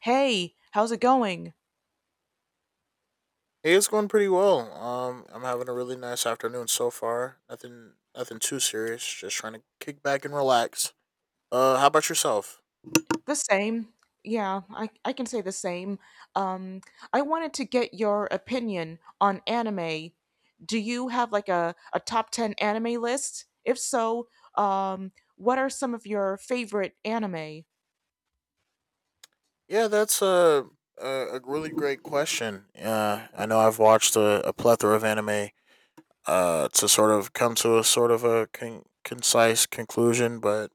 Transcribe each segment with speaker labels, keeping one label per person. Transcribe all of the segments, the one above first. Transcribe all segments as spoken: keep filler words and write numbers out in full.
Speaker 1: Hey, how's it going?
Speaker 2: Hey, it's going pretty well. Um, I'm having a really nice afternoon so far. Nothing, nothing too serious. Just trying to kick back and relax. Uh, how about yourself?
Speaker 1: The same. Yeah, I, I can say the same. Um, I wanted to get your opinion on anime. Do you have like a, a top ten anime list? If so, um, what are some of your favorite anime?
Speaker 2: Yeah, that's a a, a really great question. Uh, I know I've watched a, a plethora of anime. Uh, to sort of come to a sort of a con- concise conclusion, but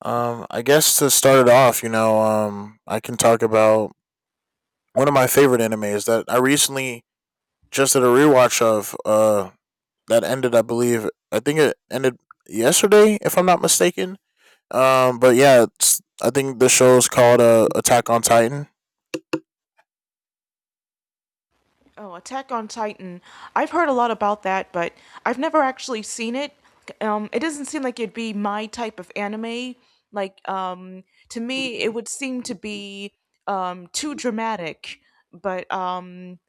Speaker 2: um, I guess to start it off, you know, um, I can talk about one of my favorite animes that I recently just did a rewatch of uh that ended, I believe, I think it ended yesterday if I'm not mistaken. Um but yeah, it's, I think the show is called uh, Attack on Titan.
Speaker 1: Oh, Attack on Titan. I've heard a lot about that, but I've never actually seen it. Um, it doesn't seem like it'd be my type of anime. Like, um, to me, it would seem to be um, too dramatic. But um,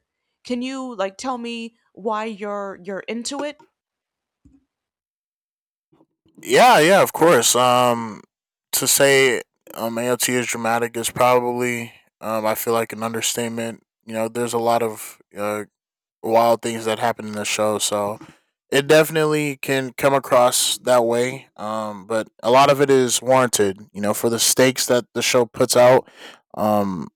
Speaker 1: can you like tell me why you're you're into it?
Speaker 2: Yeah, yeah, of course. Um, to say um ALT is dramatic is probably um I feel like an understatement. You know, there's a lot of uh, wild things that happen in the show, so it definitely can come across that way. Um, but a lot of it is warranted. You know, for the stakes that the show puts out, um,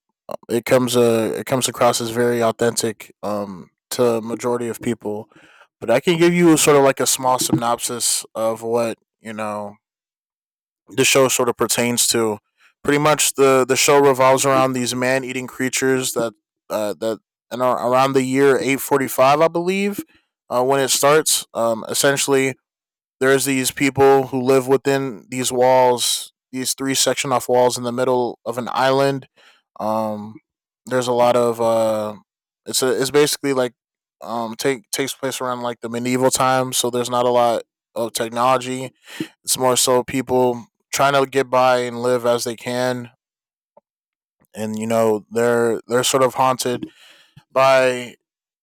Speaker 2: it comes uh, it comes across as very authentic. Um, to majority of people, but I can give you sort of like a small synopsis of what, you know, the show sort of pertains to. Pretty much the the show revolves around these man eating creatures that uh, that and around the year eight forty five, I believe, uh, when it starts. Um, essentially, there's these people who live within these walls, these three section off walls in the middle of an island. Um, there's a lot of uh, it's a it's basically like um take takes place around like the medieval times, so there's not a lot of technology. It's more so people trying to get by and live as they can, and you know they're they're sort of haunted by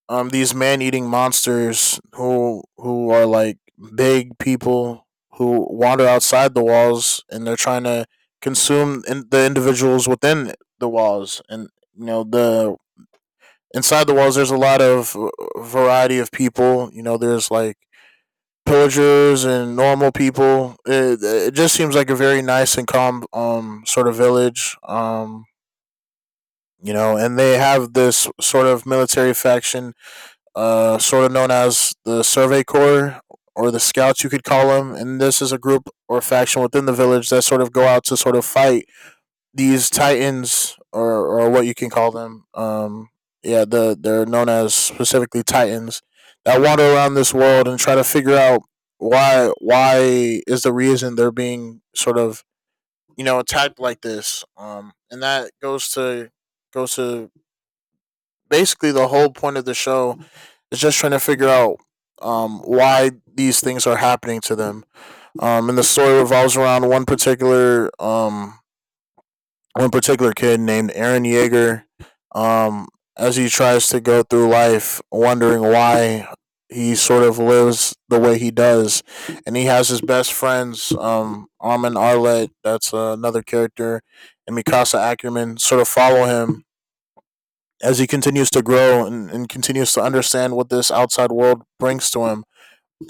Speaker 2: um these man eating monsters who who are like big people who wander outside the walls, and they're trying to consume in the individuals within the walls. And you know the inside the walls there's a lot of uh, variety of people. You know there's like pillagers and normal people. It, it just seems like a very nice and calm um sort of village. Um, you know, and they have this sort of military faction, uh, sort of known as the Survey Corps or the Scouts, you could call them. And this is a group or faction within the village that sort of go out to sort of fight these titans, or or what you can call them. Um yeah the they're known as specifically titans that wander around this world and try to figure out why why is the reason they're being sort of, you know, attacked like this. Um and that goes to goes to basically the whole point of the show, is just trying to figure out um why these things are happening to them. Um and the story revolves around one particular um one particular kid named Aaron Yeager. Um, as he tries to go through life, wondering why he sort of lives the way he does, and he has his best friends, um, Armin Arlett, that's uh, another character, and Mikasa Ackerman, sort of follow him as he continues to grow and, and continues to understand what this outside world brings to him.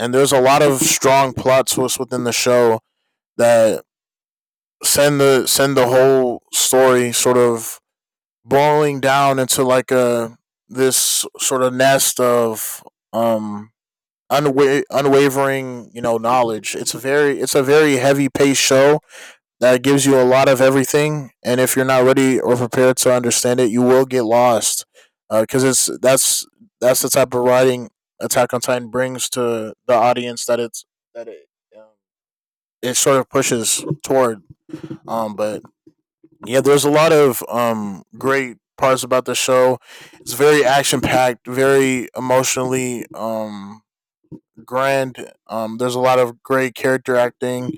Speaker 2: And there's a lot of strong plot twists within the show that send the send the whole story sort of blowing down into like a this sort of nest of um unwa- unwavering, you know, knowledge. It's a very it's a very heavy paced show that gives you a lot of everything, and if you're not ready or prepared to understand it you will get lost, because uh, it's that's that's the type of writing Attack on Titan brings to the audience, that it's that it um, it sort of pushes toward. Um but yeah, there's a lot of um, great parts about the show. It's very action packed, very emotionally um, grand. Um, there's a lot of great character acting,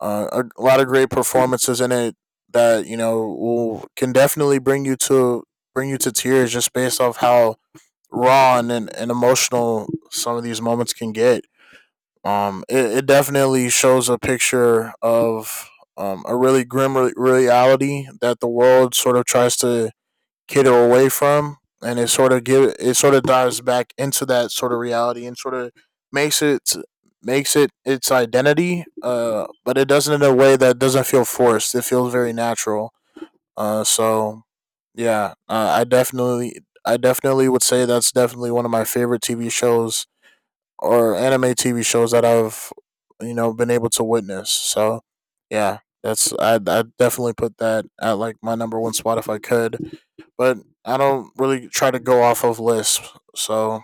Speaker 2: uh, a, a lot of great performances in it that, you know, will, can definitely bring you to bring you to tears just based off how raw and, and emotional some of these moments can get. Um, it, it definitely shows a picture of um, a really grim re- reality that the world sort of tries to cater away from, and it sort of give it sort of dives back into that sort of reality and sort of makes it makes it its identity. Uh, but it doesn't, in a way that doesn't feel forced. It feels very natural. Uh, so yeah, uh, I definitely I definitely would say that's definitely one of my favorite T V shows, or anime T V shows, that I've, you know, been able to witness. So yeah, that's I I definitely put that at like my number one spot if I could, but I don't really try to go off of lists. So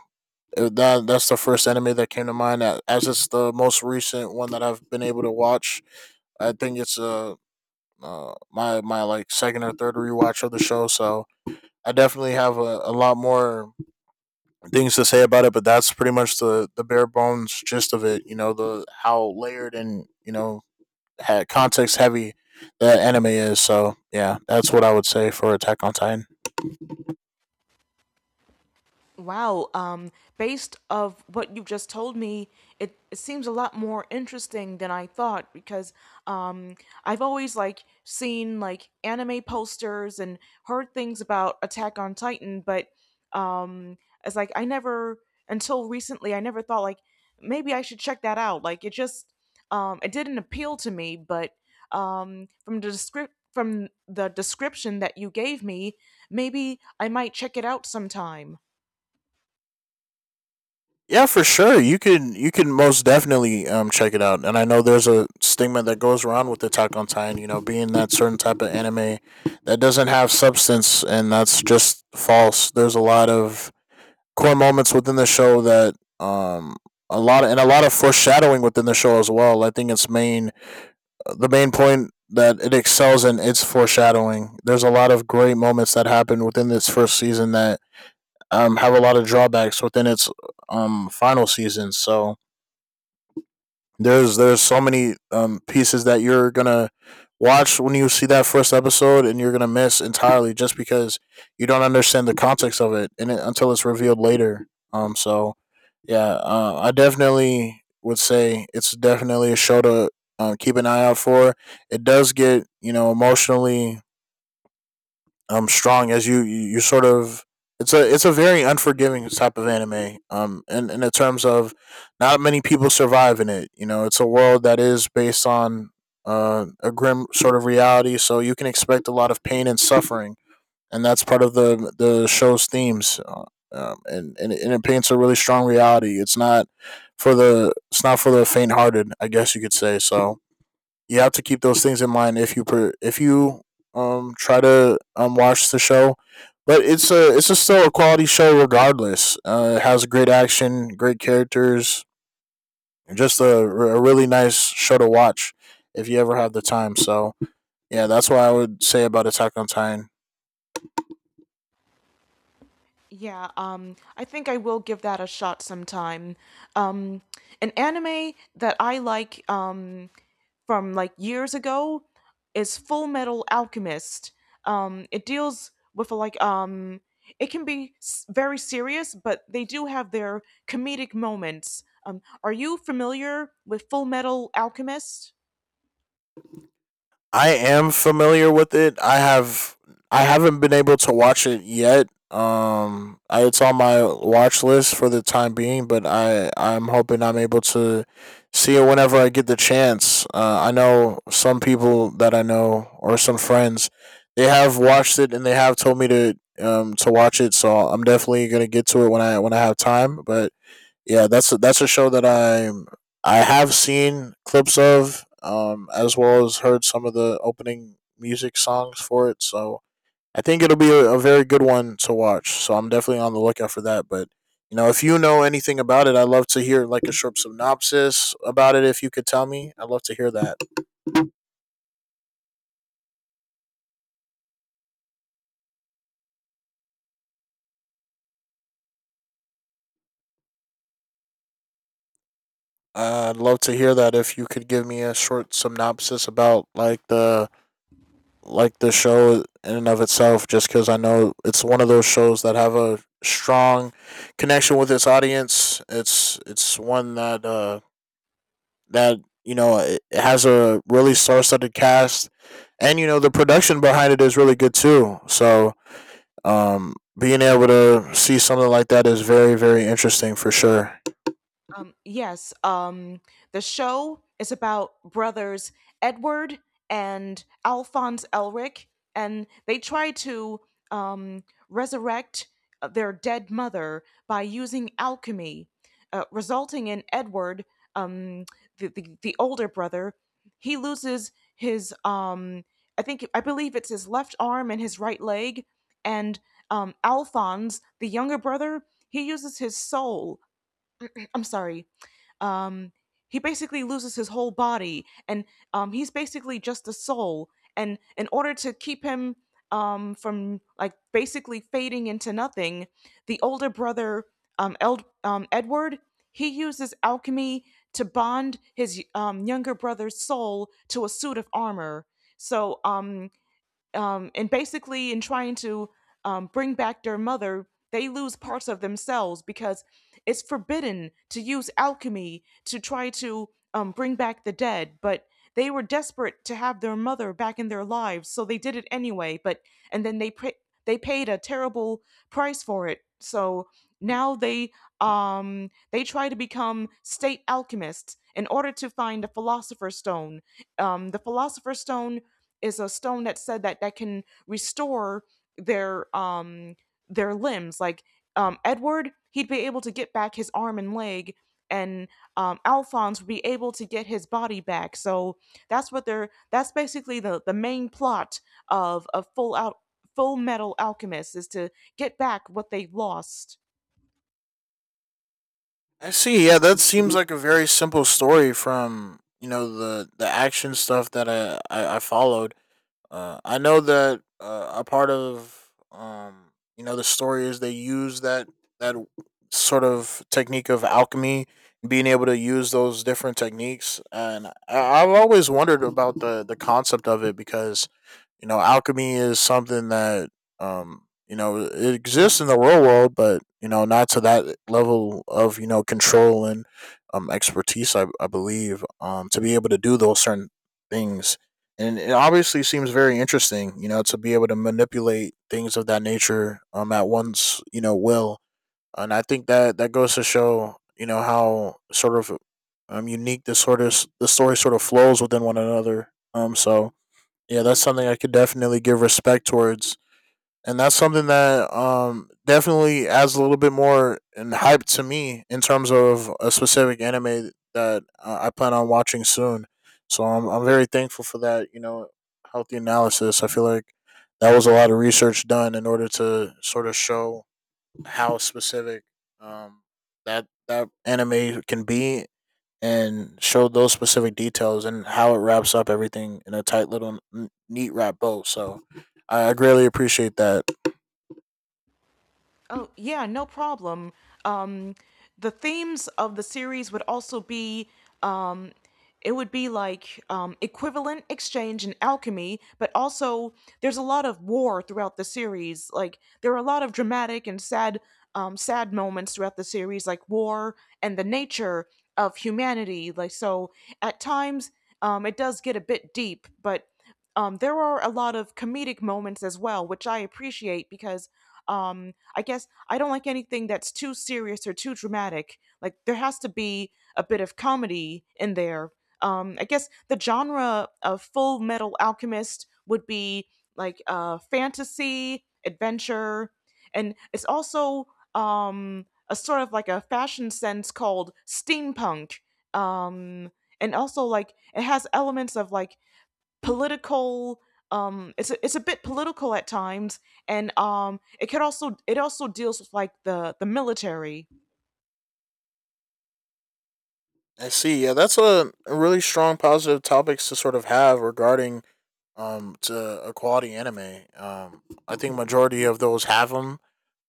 Speaker 2: it- that that's the first anime that came to mind, a- as it's the most recent one that I've been able to watch. I think it's a uh, my my like second or third rewatch of the show, so I definitely have a, a lot more things to say about it, but that's pretty much the the bare bones gist of it. You know, the how layered and, you know, context heavy the anime is. So yeah, that's what I would say for Attack on Titan.
Speaker 1: Wow, um, based of what you've just told me, it, it seems a lot more interesting than I thought because um, I've always like seen like anime posters and heard things about Attack on Titan, but um, it's like I never until recently I never thought like maybe I should check that out. Like it just um, it didn't appeal to me, but um, from the descript from the description that you gave me, maybe I might check it out sometime.
Speaker 2: Yeah, for sure. You can you can most definitely um check it out. And I know there's a stigma that goes around with Attack on Titan, you know, being that certain type of anime that doesn't have substance, and that's just false. There's a lot of core moments within the show that um a lot of, and a lot of foreshadowing within the show as well. I think its main the main point that it excels in, its foreshadowing. There's a lot of great moments that happen within this first season that um, have a lot of drawbacks within its um, final season. So there's there's so many um, pieces that you're gonna watch when you see that first episode, and you're gonna miss entirely, just because you don't understand the context of it, and it, until it's revealed later. Um, so yeah, uh, I definitely would say it's definitely a show to uh, keep an eye out for. It does get, you know, emotionally um strong, as you you you sort of it's a it's a very unforgiving type of anime, um and and in terms of not many people survive in it. You know it's a world that is based on uh, a grim sort of reality, so you can expect a lot of pain and suffering, and that's part of the the show's themes. Uh, um, and, and and it paints a really strong reality. It's not for the it's not for the faint hearted, I guess you could say. So you have to keep those things in mind if you per, if you um try to um watch the show. But it's a it's a still a quality show regardless. Uh, it has great action, great characters, and just a, a really nice show to watch if you ever have the time. So yeah, that's what I would say about Attack on Titan.
Speaker 1: Yeah, um, I think I will give that a shot sometime. Um, an anime that I like um, from like years ago is Full Metal Alchemist. Um, it deals with like um, it can be s- very serious, but they do have their comedic moments. Um, are you familiar with Full Metal Alchemist?
Speaker 2: I am familiar with it. I have I haven't been able to watch it yet. Um, I, it's on my watch list for the time being, but I I'm hoping I'm able to see it whenever I get the chance. Uh, I know some people that I know, or some friends, they have watched it and they have told me to um to watch it, so I'm definitely gonna get to it when I when I have time. But yeah, that's a, that's a show that I'm I have seen clips of, um, as well as heard some of the opening music songs for it. So I think it'll be a, a very good one to watch. So I'm definitely on the lookout for that. But you know, if you know anything about it, I'd love to hear like a short synopsis about it. If you could tell me, I'd love to hear that. I'd love to hear that. If you could give me a short synopsis about like the like the show in and of itself, just because I know it's one of those shows that have a strong connection with its audience. It's it's one that uh that you know it has a really star-studded cast, and you know the production behind it is really good too. So um being able to see something like that is very very interesting for sure.
Speaker 1: Um, yes, um, the show is about brothers Edward and Alphonse Elric, and they try to um, resurrect uh, their dead mother by using alchemy, uh, resulting in Edward, um, the, the, the older brother, he loses his, um, I think, I believe it's his left arm and his right leg, and um, Alphonse, the younger brother, he uses his soul. I'm sorry. um, he basically loses his whole body, and um, he's basically just a soul. And in order to keep him um, from like basically fading into nothing, the older brother, um, Eld- um, Edward, he uses alchemy to bond his um, younger brother's soul to a suit of armor. So um, um, and basically in trying to um, bring back their mother they lose parts of themselves because it's forbidden to use alchemy to try to um, bring back the dead, but they were desperate to have their mother back in their lives, so they did it anyway. But and then they pra- They paid a terrible price for it. So now they um they try to become state alchemists in order to find the philosopher's stone. Um the philosopher's stone is a stone that said that that can restore their um their limbs. Like um Edward, he'd be able to get back his arm and leg, and um Alphonse would be able to get his body back. So that's what they're, that's basically the the main plot of a full out Full Metal Alchemist, is to get back what they lost.
Speaker 2: I see. Yeah, that seems like a very simple story from, you know, the the action stuff that I I, I followed. Uh, I know that uh, a part of um, you know the story is they use that that sort of technique of alchemy, being able to use those different techniques, and I, I've always wondered about the the concept of it because you know alchemy is something that um, you know it exists in the real world, but you know not to that level of you know control and um, expertise. I, I believe um, to be able to do those certain things, and it obviously seems very interesting, you know, to be able to manipulate things of that nature um at one's, you know, will. And I think that that goes to show, you know, how sort of um unique this sort of the story sort of flows within one another. Um so yeah, that's something I could definitely give respect towards, and that's something that um definitely adds a little bit more and hype to me in terms of a specific anime that uh, I plan on watching soon. So I'm I'm very thankful for that. You know, healthy analysis. I feel like that was a lot of research done in order to sort of show how specific um that that anime can be and show those specific details and how it wraps up everything in a tight little n- neat wrap bow. So I I greatly appreciate that.
Speaker 1: Oh yeah, no problem. um the themes of the series would also be, um it would be like um, equivalent exchange and alchemy, but also there's a lot of war throughout the series. Like there are a lot of dramatic and sad um, sad moments throughout the series, like war and the nature of humanity. Like so at times um, it does get a bit deep. But um, there are a lot of comedic moments as well, which I appreciate because um, I guess I don't like anything that's too serious or too dramatic. Like there has to be a bit of comedy in there. um, I guess the genre of Full Metal Alchemist would be like uh, fantasy, adventure, and it's also um, a sort of like a fashion sense called steampunk. Um, and also like it has elements of like political. Um, it's a, it's a bit political at times, and um, it could also it also deals with like the the military.
Speaker 2: I see. Yeah, that's a, a really strong positive topics to sort of have regarding um to a quality anime. Um, I think majority of those have them.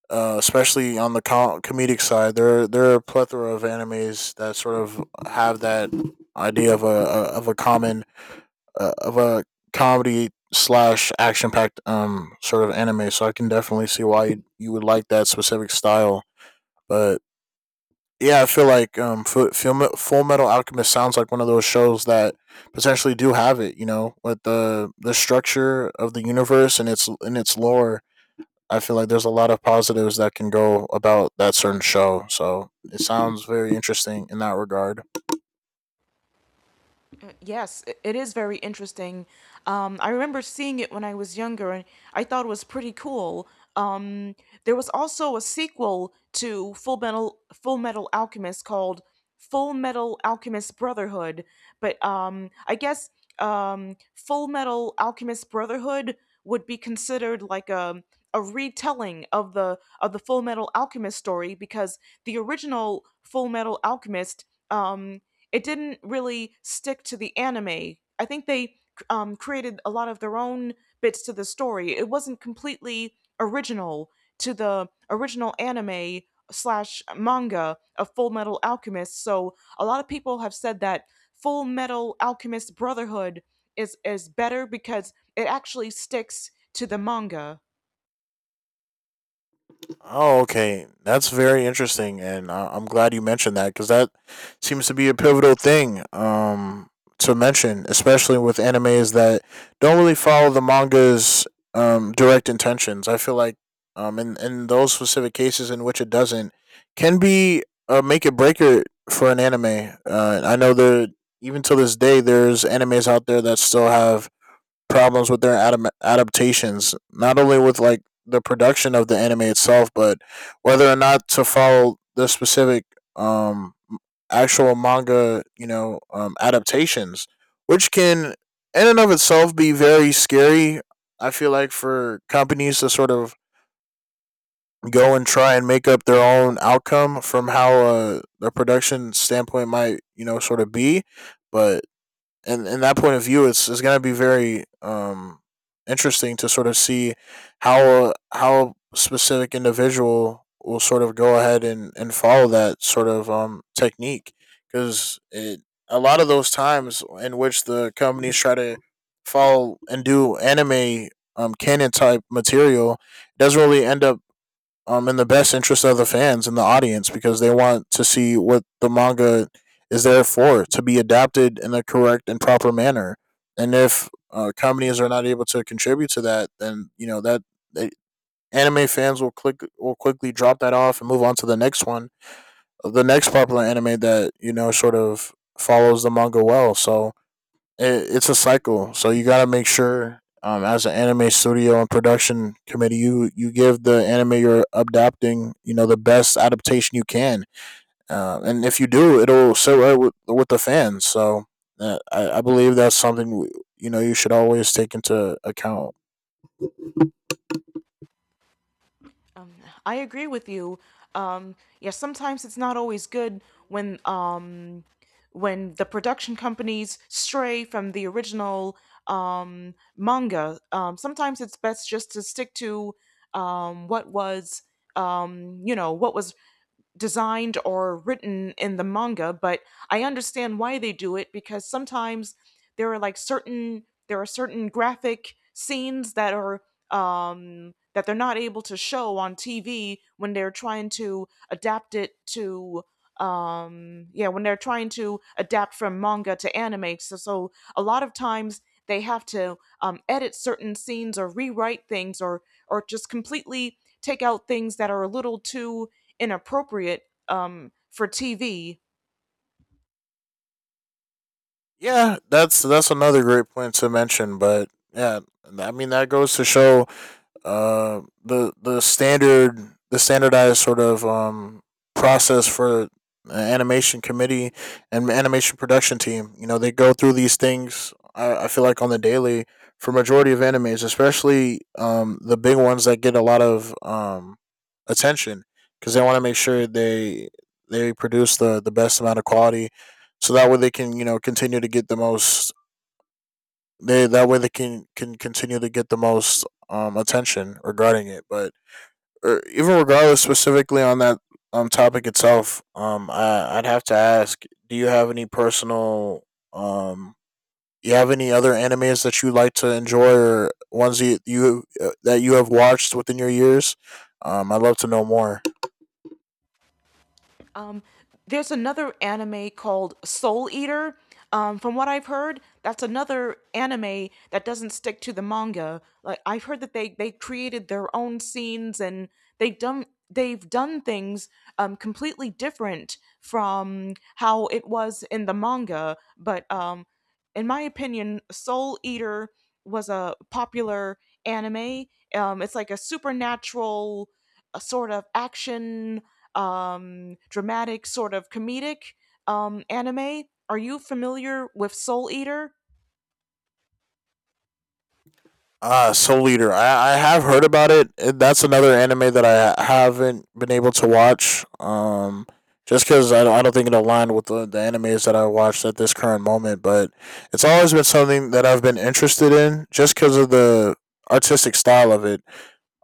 Speaker 2: Uh, especially on the com- comedic side, there there are a plethora of animes that sort of have that idea of a, a of a common uh, of a comedy slash action packed um sort of anime. So I can definitely see why you, you would like that specific style. But yeah, I feel like um, Fu- Full Me- Full Metal Alchemist sounds like one of those shows that potentially do have it. You know, with the the structure of the universe and its and its lore. I feel like there's a lot of positives that can go about that certain show. So it sounds very interesting in that regard.
Speaker 1: uh, Yes, i- it is very interesting. Um, I remember seeing it when I was younger, and I thought it was pretty cool. Um, there was also a sequel to Full Metal Full Metal Alchemist called Full Metal Alchemist Brotherhood, but um, I guess um, Full Metal Alchemist Brotherhood would be considered like a a retelling of the of the Full Metal Alchemist story because the original Full Metal Alchemist. Um, it didn't really stick to the anime. I think they um, created a lot of their own bits to the story. It wasn't completely original to the original anime slash manga of Full Metal Alchemist. So a lot of people have said that Full Metal Alchemist Brotherhood is is better because it actually sticks to the manga.
Speaker 2: Oh, okay. That's very interesting, and uh, I'm glad you mentioned that because that seems to be a pivotal thing um, to mention, especially with animes that don't really follow the manga's um, direct intentions. I feel like um, in in those specific cases in which it doesn't can be a make it breaker for an anime. Uh, I know that even to this day, there's animes out there that still have problems with their adam- adaptations, not only with like the production of the anime itself, but whether or not to follow the specific um actual manga, you know, um, adaptations, which can in and of itself be very scary. I feel like for companies to sort of go and try and make up their own outcome from how uh, the production standpoint might, you know, sort of be, but and in that point of view, it's it's going to be very um interesting to sort of see how how specific individual will sort of go ahead and and follow that sort of um technique because it a lot of those times in which the companies try to follow and do anime um canon type material doesn't really end up um in the best interest of the fans and the audience because they want to see what the manga is there for to be adapted in a correct and proper manner. And if uh, companies are not able to contribute to that, then you know that they, anime fans will click will quickly drop that off and move on to the next one, the next popular anime that you know sort of follows the manga well. So it, it's a cycle. So you got to make sure, um, as an anime studio and production committee, you you give the anime you're adapting, you know, the best adaptation you can. Uh, and if you do, it'll sit right with with the fans. So uh, I, I believe that's something you know you should always take into account.
Speaker 1: Um, I agree with you. Um, yeah, sometimes it's not always good when um, when the production companies stray from the original um, manga. Um, sometimes it's best just to stick to um, what was um, you know what was designed or written in the manga, but I understand why they do it because sometimes there are like certain, there are certain graphic scenes that are um, that they're not able to show on T V when they're trying to adapt it to um yeah, when they're trying to adapt from manga to anime. So so a lot of times they have to um, edit certain scenes or rewrite things, or or just completely take out things that are a little too inappropriate, um, for T V.
Speaker 2: Yeah, that's that's another great point to mention. But yeah, I mean that goes to show uh, the the standard the standardized sort of um, process for an animation committee and animation production team. You know, they go through these things. I, I feel like on the daily for majority of animes, especially um, the big ones that get a lot of um, attention, because they want to make sure they they produce the the best amount of quality, so that way they can you know continue to get the most they that way they can can continue to get the most um attention regarding it. But or even regardless, specifically on that um topic itself, um, I I'd have to ask, do you have any personal um? You have any other animes that you like to enjoy, or ones you you uh, that you have watched within your years? Um, I'd love to know more.
Speaker 1: Um, there's another anime called Soul Eater. Um, from what I've heard, that's another anime that doesn't stick to the manga. Like I've heard that they they created their own scenes and they've done they've done things um, completely different from how it was in the manga. But um, in my opinion, Soul Eater was a popular anime. Um, it's like a supernatural, a sort of action, um, dramatic, sort of comedic, um, anime. Are you familiar with Soul Eater?
Speaker 2: Ah, Soul Eater. I, I have heard about it. It- That's another anime that I haven't been able to watch. Um, just because I, don't- I don't think it aligned with the, the animes that I watched at this current moment. But it's always been something that I've been interested in, just because of the artistic style of it.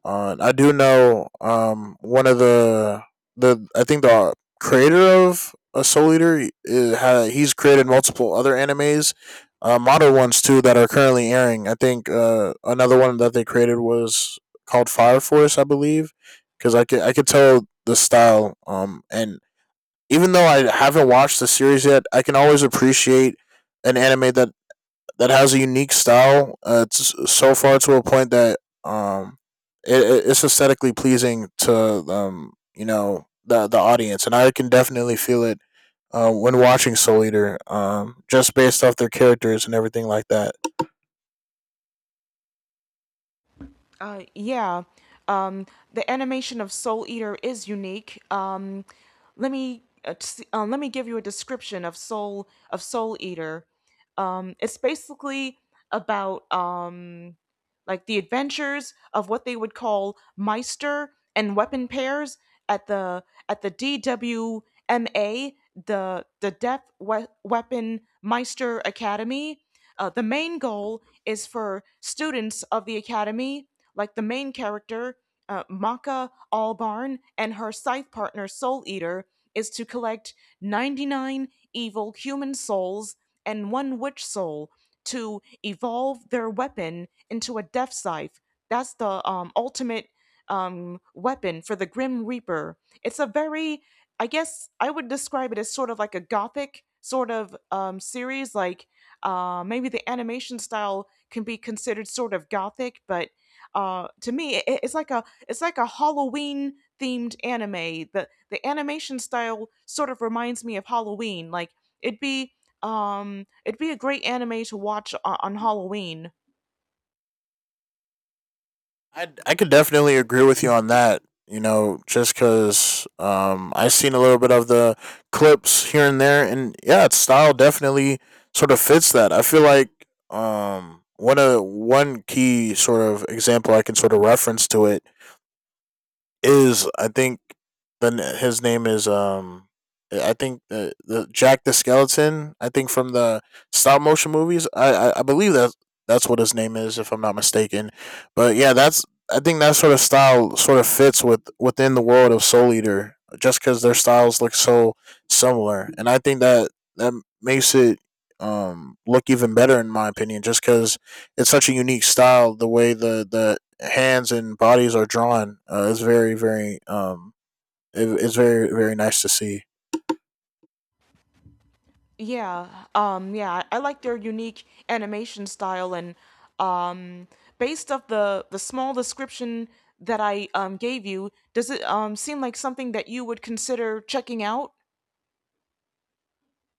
Speaker 2: Uh, I do know um one of the the I think the creator of a Soul Eater is, ha, he's created multiple other animes, uh, model ones too that are currently airing. I think uh another one that they created was called Fire Force, I believe, because I could I could tell the style um and even though I haven't watched the series yet, I can always appreciate an anime that that has a unique style. Uh, it's so far to a point that um, it, it's aesthetically pleasing to um, you know the the audience, and I can definitely feel it uh, when watching Soul Eater, um, just based off their characters and everything like that.
Speaker 1: Uh, yeah, um, the animation of Soul Eater is unique. Um, let me uh, s- uh, let me give you a description of Soul of Soul Eater. Um, it's basically about, um, like the adventures of what they would call Meister and weapon pairs at the at the D W M A, the the Death we- Weapon Meister Academy. Uh, the main goal is for students of the academy, like the main character, uh, Maka Albarn, and her scythe partner, Soul Eater, is to collect ninety-nine evil human souls and one witch soul to evolve their weapon into a death scythe. That's the um, ultimate um, weapon for the Grim Reaper. It's a very, I guess, I would describe it as sort of like a gothic sort of, um, series. Like uh, maybe the animation style can be considered sort of gothic, but uh to me, it, it's like a, it's like a Halloween themed anime. the the animation style sort of reminds me of Halloween. Like it'd be um it'd be a great anime to watch on, on Halloween.
Speaker 2: I, I could definitely agree with you on that. You know, just because um, I've seen a little bit of the clips here and there, and yeah, its style definitely sort of fits that. I feel like um, one of one key sort of example I can sort of reference to it is I think the n- his name is um I I think the, the Jack the Skeleton I think from the stop motion movies I, I I believe that that's what his name is if I'm not mistaken, but yeah, that's I think that sort of style sort of fits with within the world of Soul Eater just because their styles look so similar, and I think that that makes it um look even better in my opinion just because it's such a unique style, the way the the hands and bodies are drawn uh, is very very um it, it's very very nice to see.
Speaker 1: Yeah, um, yeah, I like their unique animation style, and um, based off the the small description that I um, gave you, does it um, seem like something that you would consider checking out?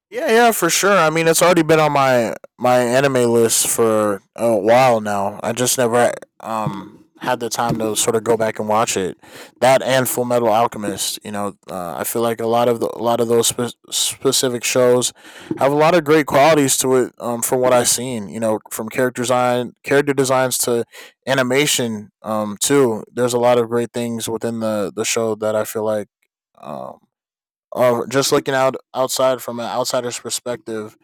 Speaker 2: Yeah, yeah, for sure. I mean, it's already been on my my anime list for a while now. I just never um had the time to sort of go back and watch it. That and Full Metal Alchemist. You know, uh, I feel like a lot of the, a lot of those spe- specific shows have a lot of great qualities to it. Um, from what I've seen, you know, from character design, character designs to animation. Um, too. There's a lot of great things within the the show that I feel like um uh, just looking out outside from an outsider's perspective,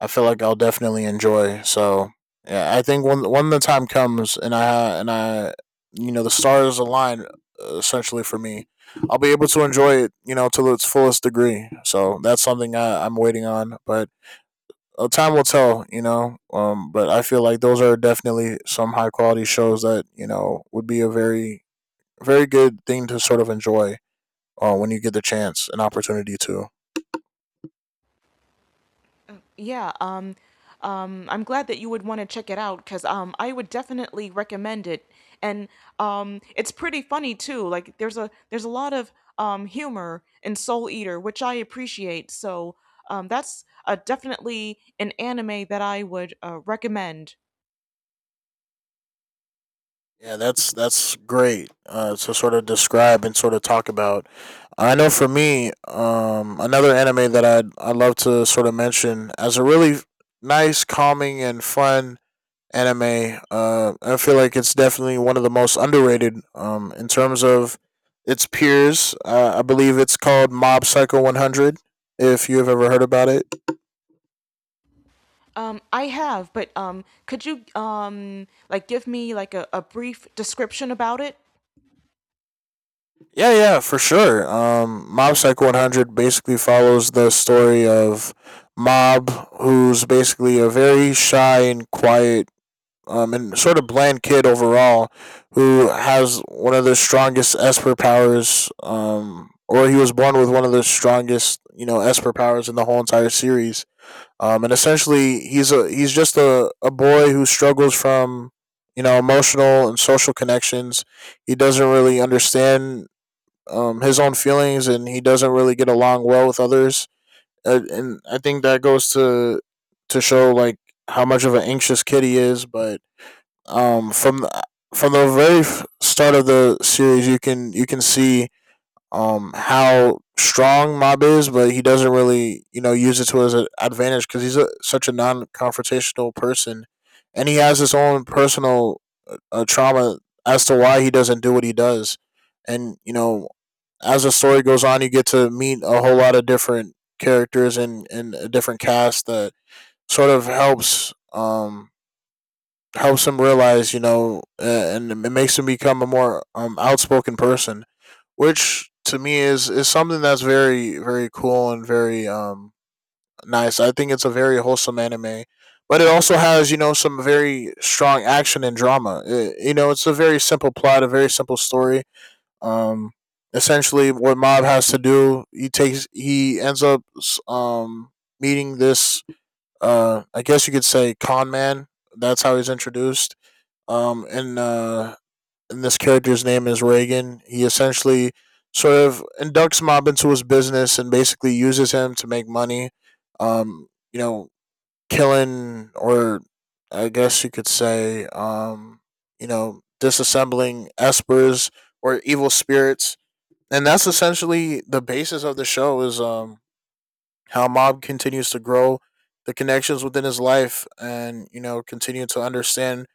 Speaker 2: I feel like I'll definitely enjoy. So yeah, I think when when the time comes and I and I you know the stars align uh, essentially for me, I'll be able to enjoy it you know to its fullest degree. So that's something I, I'm waiting on, but. Uh, time will tell, you know. Um, but I feel like those are definitely some high quality shows that you know would be a very, very good thing to sort of enjoy uh, when you get the chance, an opportunity to.
Speaker 1: Yeah, um, um, I'm glad that you would want to check it out because um, I would definitely recommend it, and um, it's pretty funny too. Like there's a, there's a lot of um, humor in Soul Eater, which I appreciate. So um, that's uh, definitely an anime that I would uh, recommend.
Speaker 2: Yeah, that's that's great uh, to sort of describe and sort of talk about. I know for me, um, another anime that I I love to sort of mention as a really nice, calming, and fun anime. Uh, I feel like it's definitely one of the most underrated um, in terms of its peers. Uh, I believe it's called Mob Psycho one hundred, if you have ever heard about it.
Speaker 1: Um, I have, but um, could you um, like give me like a, a brief description about it?
Speaker 2: Yeah, yeah, for sure. Um, Mob Psycho one hundred basically follows the story of Mob, who's basically a very shy and quiet um, and sort of bland kid overall who has one of the strongest Esper powers, um, or he was born with one of the strongest, you know, Esper powers in the whole entire series. Um, and essentially, he's a he's just a, a boy who struggles from you know emotional and social connections. He doesn't really understand um, his own feelings, and he doesn't really get along well with others. Uh, And, I think that goes to to show like how much of an anxious kid he is, but um, from the, from the very f- start of the series, you can you can see um, how strong Mob is, but he doesn't really you know use it to his a- advantage because he's a, such a non-confrontational person, and he has his own personal uh, uh, trauma as to why he doesn't do what he does, and you know as the story goes on, you get to meet a whole lot of different characters and and a different cast that sort of helps. Um, helps him realize, you know, uh, and it makes him become a more um, outspoken person, which to me is is something that's very very cool and very um nice. I think it's a very wholesome anime, but it also has you know some very strong action and drama. It, you know, it's a very simple plot, a very simple story. Um, Essentially, what Mob has to do, he takes he ends up um meeting this uh I guess you could say con man. That's how he's introduced um, and uh, and this character's name is Reagan. He essentially sort of inducts Mob into his business and basically uses him to make money. Um, you know, Killing or I guess you could say, um, you know, disassembling espers or evil spirits, and that's essentially the basis of the show. Is um, How Mob continues to grow the connections within his life and, you know, continue to understand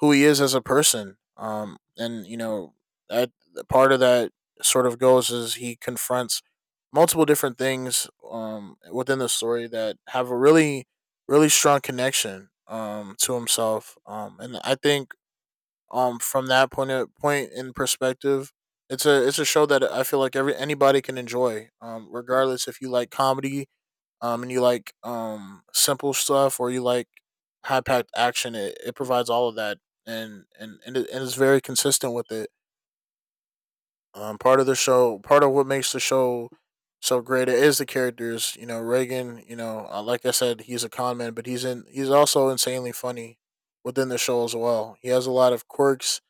Speaker 2: who he is as a person. Um, and, you know, that part of that sort of goes is he confronts multiple different things um, within the story that have a really, really strong connection um, to himself. Um, and I think um, from that point of, point in perspective, it's a it's a show that I feel like every anybody can enjoy, um, regardless if you like comedy, um, and you like um simple stuff or you like high packed action, it, it provides all of that and and and, it, and it's very consistent with it. Um, part of the show, part of what makes the show so great is the characters. You know, Reagan. You know, uh, like I said, he's a con man, but he's in he's also insanely funny within the show as well. He has a lot of quirks,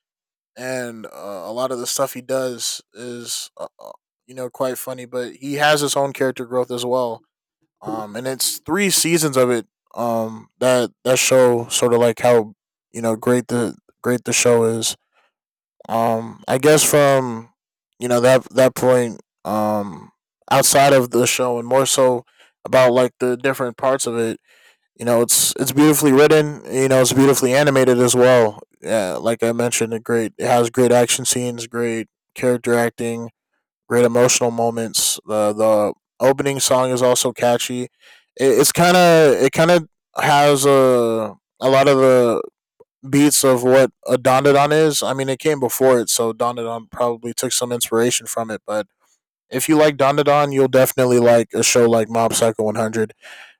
Speaker 2: and uh, a lot of the stuff he does is uh, uh, you know quite funny. But he has his own character growth as well um, and it's three seasons of it. Um, that that show sort of like how you know great the great the show is. Um, I guess from you know that that point. Um, outside of the show and more so about like the different parts of it. You know, it's it's beautifully written. You know, it's beautifully animated as well. Yeah, like I mentioned, a great it has great action scenes, great character acting, great emotional moments. The the opening song is also catchy. It, it's kind of it kind of has a a lot of the beats of what a Don is. I mean, it came before it, so Don probably took some inspiration from it. But if you like Don, you'll definitely like a show like Mob Psycho one hundred,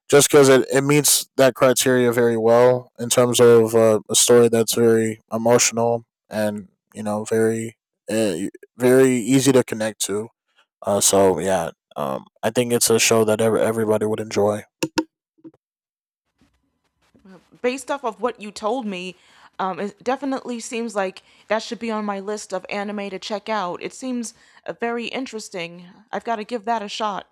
Speaker 2: just because it, it meets that criteria very well in terms of uh, a story that's very emotional and you know very uh, very easy to connect to. Uh, so yeah, um, I think it's a show that ever everybody would enjoy.
Speaker 1: Based off of what you told me, um, it definitely seems like that should be on my list of anime to check out. It seems uh, very interesting. I've got to give that a shot.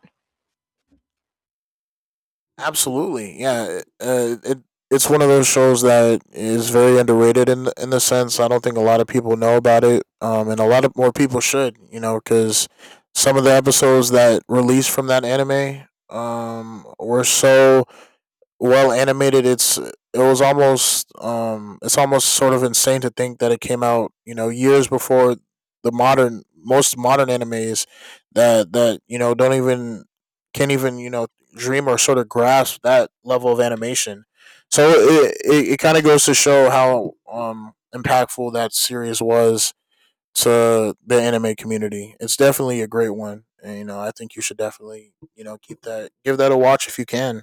Speaker 2: Absolutely, yeah. Uh, it it's one of those shows that is very underrated in the, in the sense I don't think a lot of people know about it, um, and a lot of more people should, you know, because some of the episodes that released from that anime um, were so well animated. It's it was almost um it's almost sort of insane to think that it came out you know years before the modern most modern animes that that you know don't even can't even you know dream or sort of grasp that level of animation. So it it, it kind of goes to show how um impactful that series was to the anime community. It's definitely a great one. And you know, I think you should definitely, you know, keep that give that a watch if you can.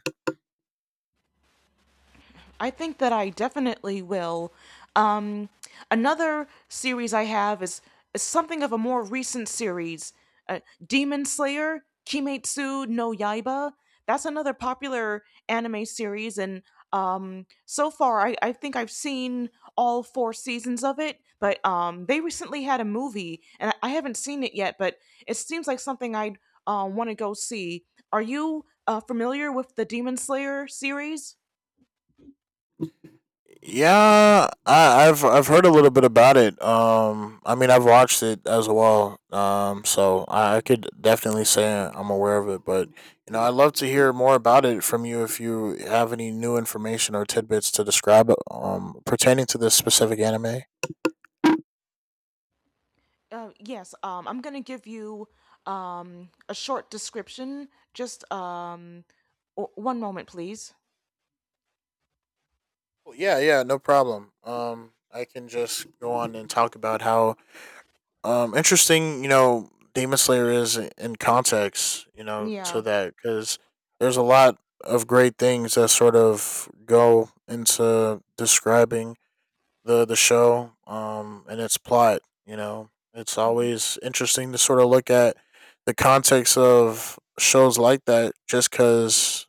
Speaker 1: I think that I definitely will. Um, another series I have is, is something of a more recent series, uh, Demon Slayer, Kimetsu no Yaiba. That's another popular anime series, and um, so far I, I think I've seen all four seasons of it, but um, they recently had a movie, and I, I haven't seen it yet, but it seems like something I'd uh, want to go see. Are you uh, familiar with the Demon Slayer series?
Speaker 2: Yeah, I, I've I've heard a little bit about it. Um, I mean, I've watched it as well. Um, so I, I could definitely say I'm aware of it. But you know, I'd love to hear more about it from you if you have any new information or tidbits to describe um pertaining to this specific anime.
Speaker 1: Uh, yes, um, I'm going to give you, um, a short description. Just um, o- one moment, please.
Speaker 2: Well, Yeah, yeah, no problem. Um, I can just go on and talk about how Um, interesting, you know, Demon Slayer is in context, you know,
Speaker 1: Yeah.
Speaker 2: to that because there's a lot of great things that sort of go into describing the the show, um, and its plot. You know, it's
Speaker 1: Mhm.
Speaker 2: always interesting to sort of look at the context of shows like that, just because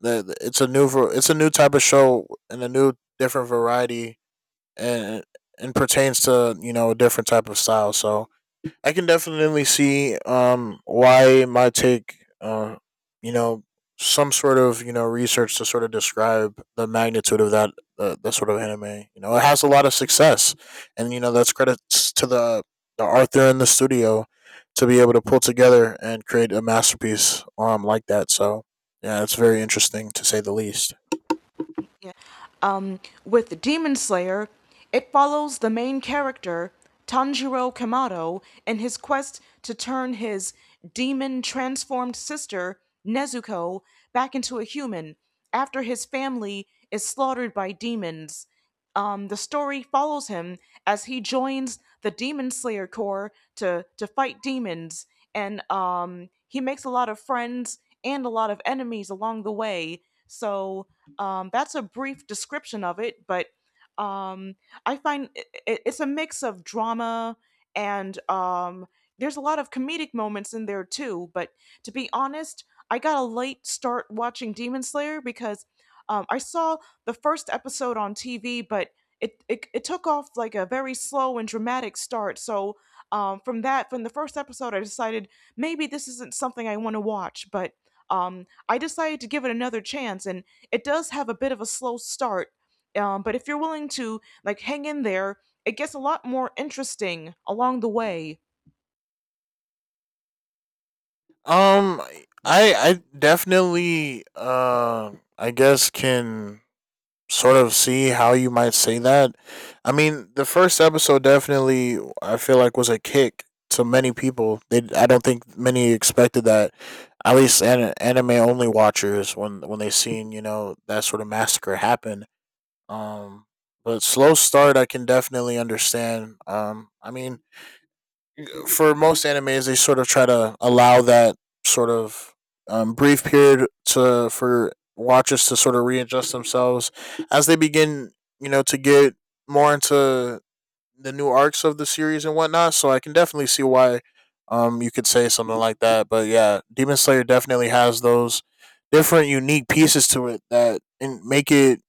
Speaker 2: that it's a new var- it's a new type of show and a new different variety and and pertains to you know a different type of style. So I can definitely see um why it might take uh you know some sort of you know research to sort of describe the magnitude of that uh, that sort of anime. You know, it has a lot of success, and you know that's credits to the the Arthur in the studio to be able to pull together and create a masterpiece um like that. So yeah, it's very interesting to say the least.
Speaker 1: Yeah. Um, with Demon Slayer, it follows the main character, Tanjiro Kamado, in his quest to turn his demon transformed sister, Nezuko, back into a human after his family is slaughtered by demons. Um, the story follows him as he joins the Demon Slayer Corps to to fight demons, and um, he makes a lot of friends and a lot of enemies along the way. So um, that's a brief description of it, but um, I find I I- it's a mix of drama and, um, there's a lot of comedic moments in there too. But to be honest, I got a late start watching Demon Slayer because um, I saw the first episode on T V, but it, it, it took off like a very slow and dramatic start. So um, from that, from the first episode, I decided maybe this isn't something I want to watch, but um, I decided to give it another chance, and it does have a bit of a slow start, um, but if you're willing to like hang in there, it gets a lot more interesting along the way.
Speaker 2: Um, I I definitely um I guess can sort of see how you might say that. I mean, the first episode definitely I feel like was a kick to many people. They I don't think many expected that. At least an, anime only watchers when when they seen you know that sort of massacre happen. Um, but slow start I can definitely understand. Um, I mean for most animes, they sort of try to allow that sort of um, brief period to for watchers to sort of readjust themselves as they begin, you know, to get more into the new arcs of the series and whatnot. So I can definitely see why um, you could say something like that. But yeah, Demon Slayer definitely has those different unique pieces to it that and make it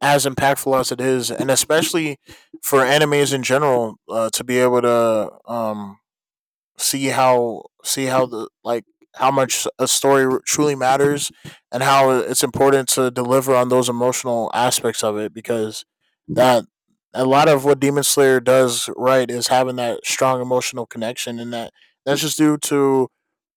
Speaker 2: as impactful as it is, and especially for animes in general, uh, to be able to um, see how see how the like how much a story truly matters and how it's important to deliver on those emotional aspects of it because that a lot of what Demon Slayer does right is having that strong emotional connection and that that's just due to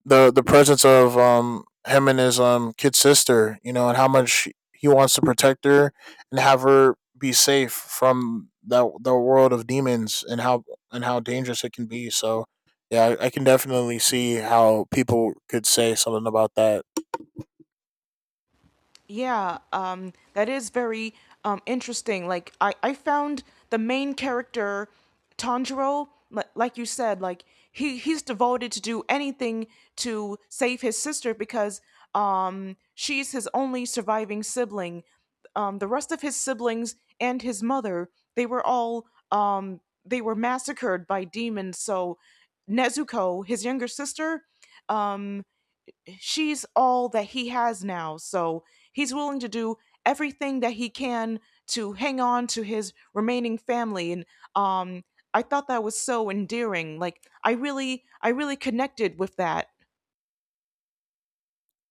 Speaker 2: the the presence of um him and his um kid sister, you know, and how much he wants to protect her and have her be safe from that the world of demons and how and how dangerous it can be. So yeah, I, I can definitely see how people could say something about that.
Speaker 1: Yeah, um, that is very um, interesting. Like I, I found the main character, Tanjiro, li- like you said, like he he's devoted to do anything to save his sister because um she's his only surviving sibling. Um, the rest of his siblings and his mother, they were all um they were massacred by demons. So Nezuko, his younger sister, um she's all that he has now. So he's willing to do everything that he can to hang on to his remaining family. And um, I thought that was so endearing. Like I really, I really connected with that.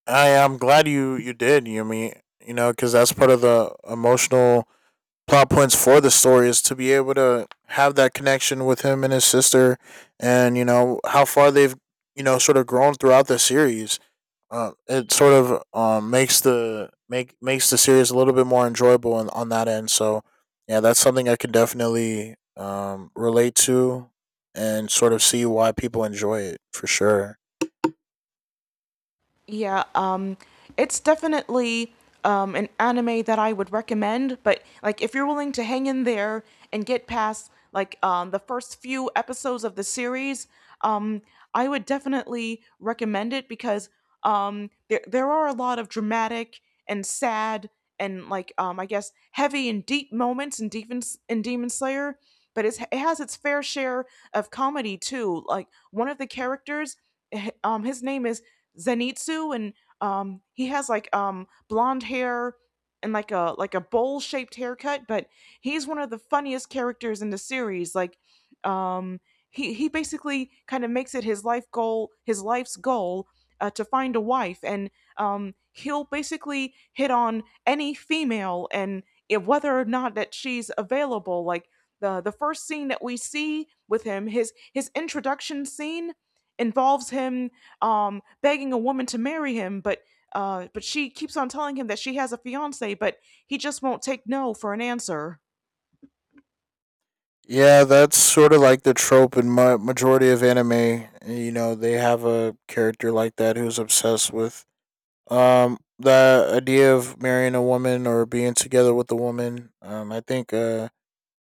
Speaker 2: I am glad you you did, Yumi. You know, because that's part of the emotional plot points for the story is to be able to have that connection with him and his sister, and you know how far they've you know sort of grown throughout the series. Uh, it sort of um, makes the make makes the series a little bit more enjoyable on, on that end. So yeah, that's something I can definitely um, relate to and sort of see why people enjoy it for sure.
Speaker 1: Yeah, um, it's definitely um, an anime that I would recommend. But like, if you're willing to hang in there and get past like, um, the first few episodes of the series, um, I would definitely recommend it because um, there there are a lot of dramatic and sad and like, um, I guess heavy and deep moments in Demon in Demon Slayer. But it's, it has its fair share of comedy too. Like one of the characters, h- um his name is Zenitsu, and um he has like um blonde hair and like a, like a bowl shaped haircut, but he's one of the funniest characters in the series. Like um he he basically kind of makes it his life goal, his life's goal, uh, to find a wife, and um he'll basically hit on any female, and if, whether or not that she's available. Like the the first scene that we see with him, his his introduction scene, involves him um, begging a woman to marry him, but uh, but she keeps on telling him that she has a fiance, but he just won't take no for an answer.
Speaker 2: Yeah, that's sort of like the trope in my majority of anime. You know, they have a character like that who's obsessed with Um, the idea of marrying a woman or being together with a woman, um, I think uh,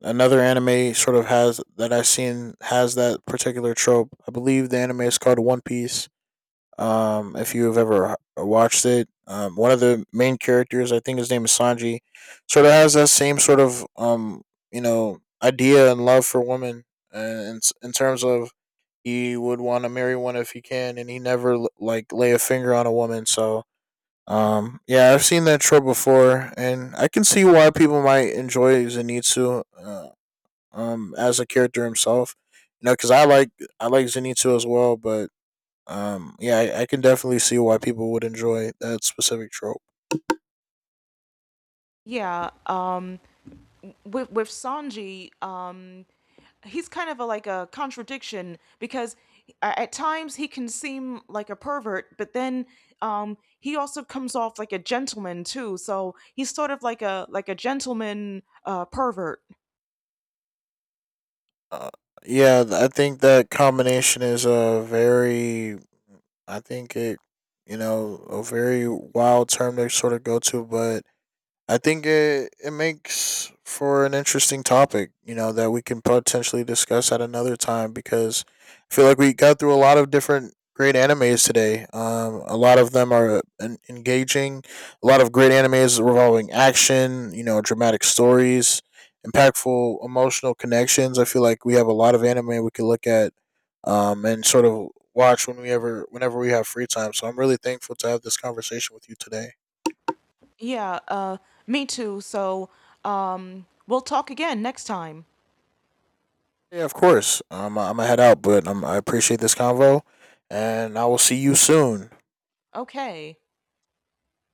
Speaker 2: another anime sort of has that I've seen has that particular trope. I believe the anime is called One Piece. Um, if you have ever watched it, um, one of the main characters, I think his name is Sanji, sort of has that same sort of um, you know, idea and love for women, and in in terms of he would want to marry one if he can, and he never like lay a finger on a woman, so um, yeah, I've seen that trope before, and I can see why people might enjoy Zenitsu uh, um, as a character himself. You know, because I like I like Zenitsu as well, but um, yeah, I, I can definitely see why people would enjoy that specific trope.
Speaker 1: Yeah, um, with with Sanji, um, he's kind of a, like a contradiction because uh, at times he can seem like a pervert, but then um, he also comes off like a gentleman too. So he's sort of like a, like a gentleman, uh, pervert.
Speaker 2: Uh, yeah, th- I think that combination is a very, I think it, you know, a very wild term to sort of go to, but I think it, it makes for an interesting topic, you know, that we can potentially discuss at another time because I feel like we got through a lot of different great animes today. Um, a lot of them are en- engaging, a lot of great animes revolving action, you know, dramatic stories, impactful emotional connections. I feel like we have a lot of anime we could look at um, and sort of watch when we ever, whenever we have free time. So I'm really thankful to have this conversation with you today.
Speaker 1: Yeah, uh, me too. So um, we'll talk again next time.
Speaker 2: Yeah, of course. Um, I'm gonna head out, but um, I appreciate this convo, and I will see you soon.
Speaker 1: Okay,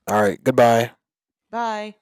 Speaker 2: All right, goodbye.
Speaker 1: bye.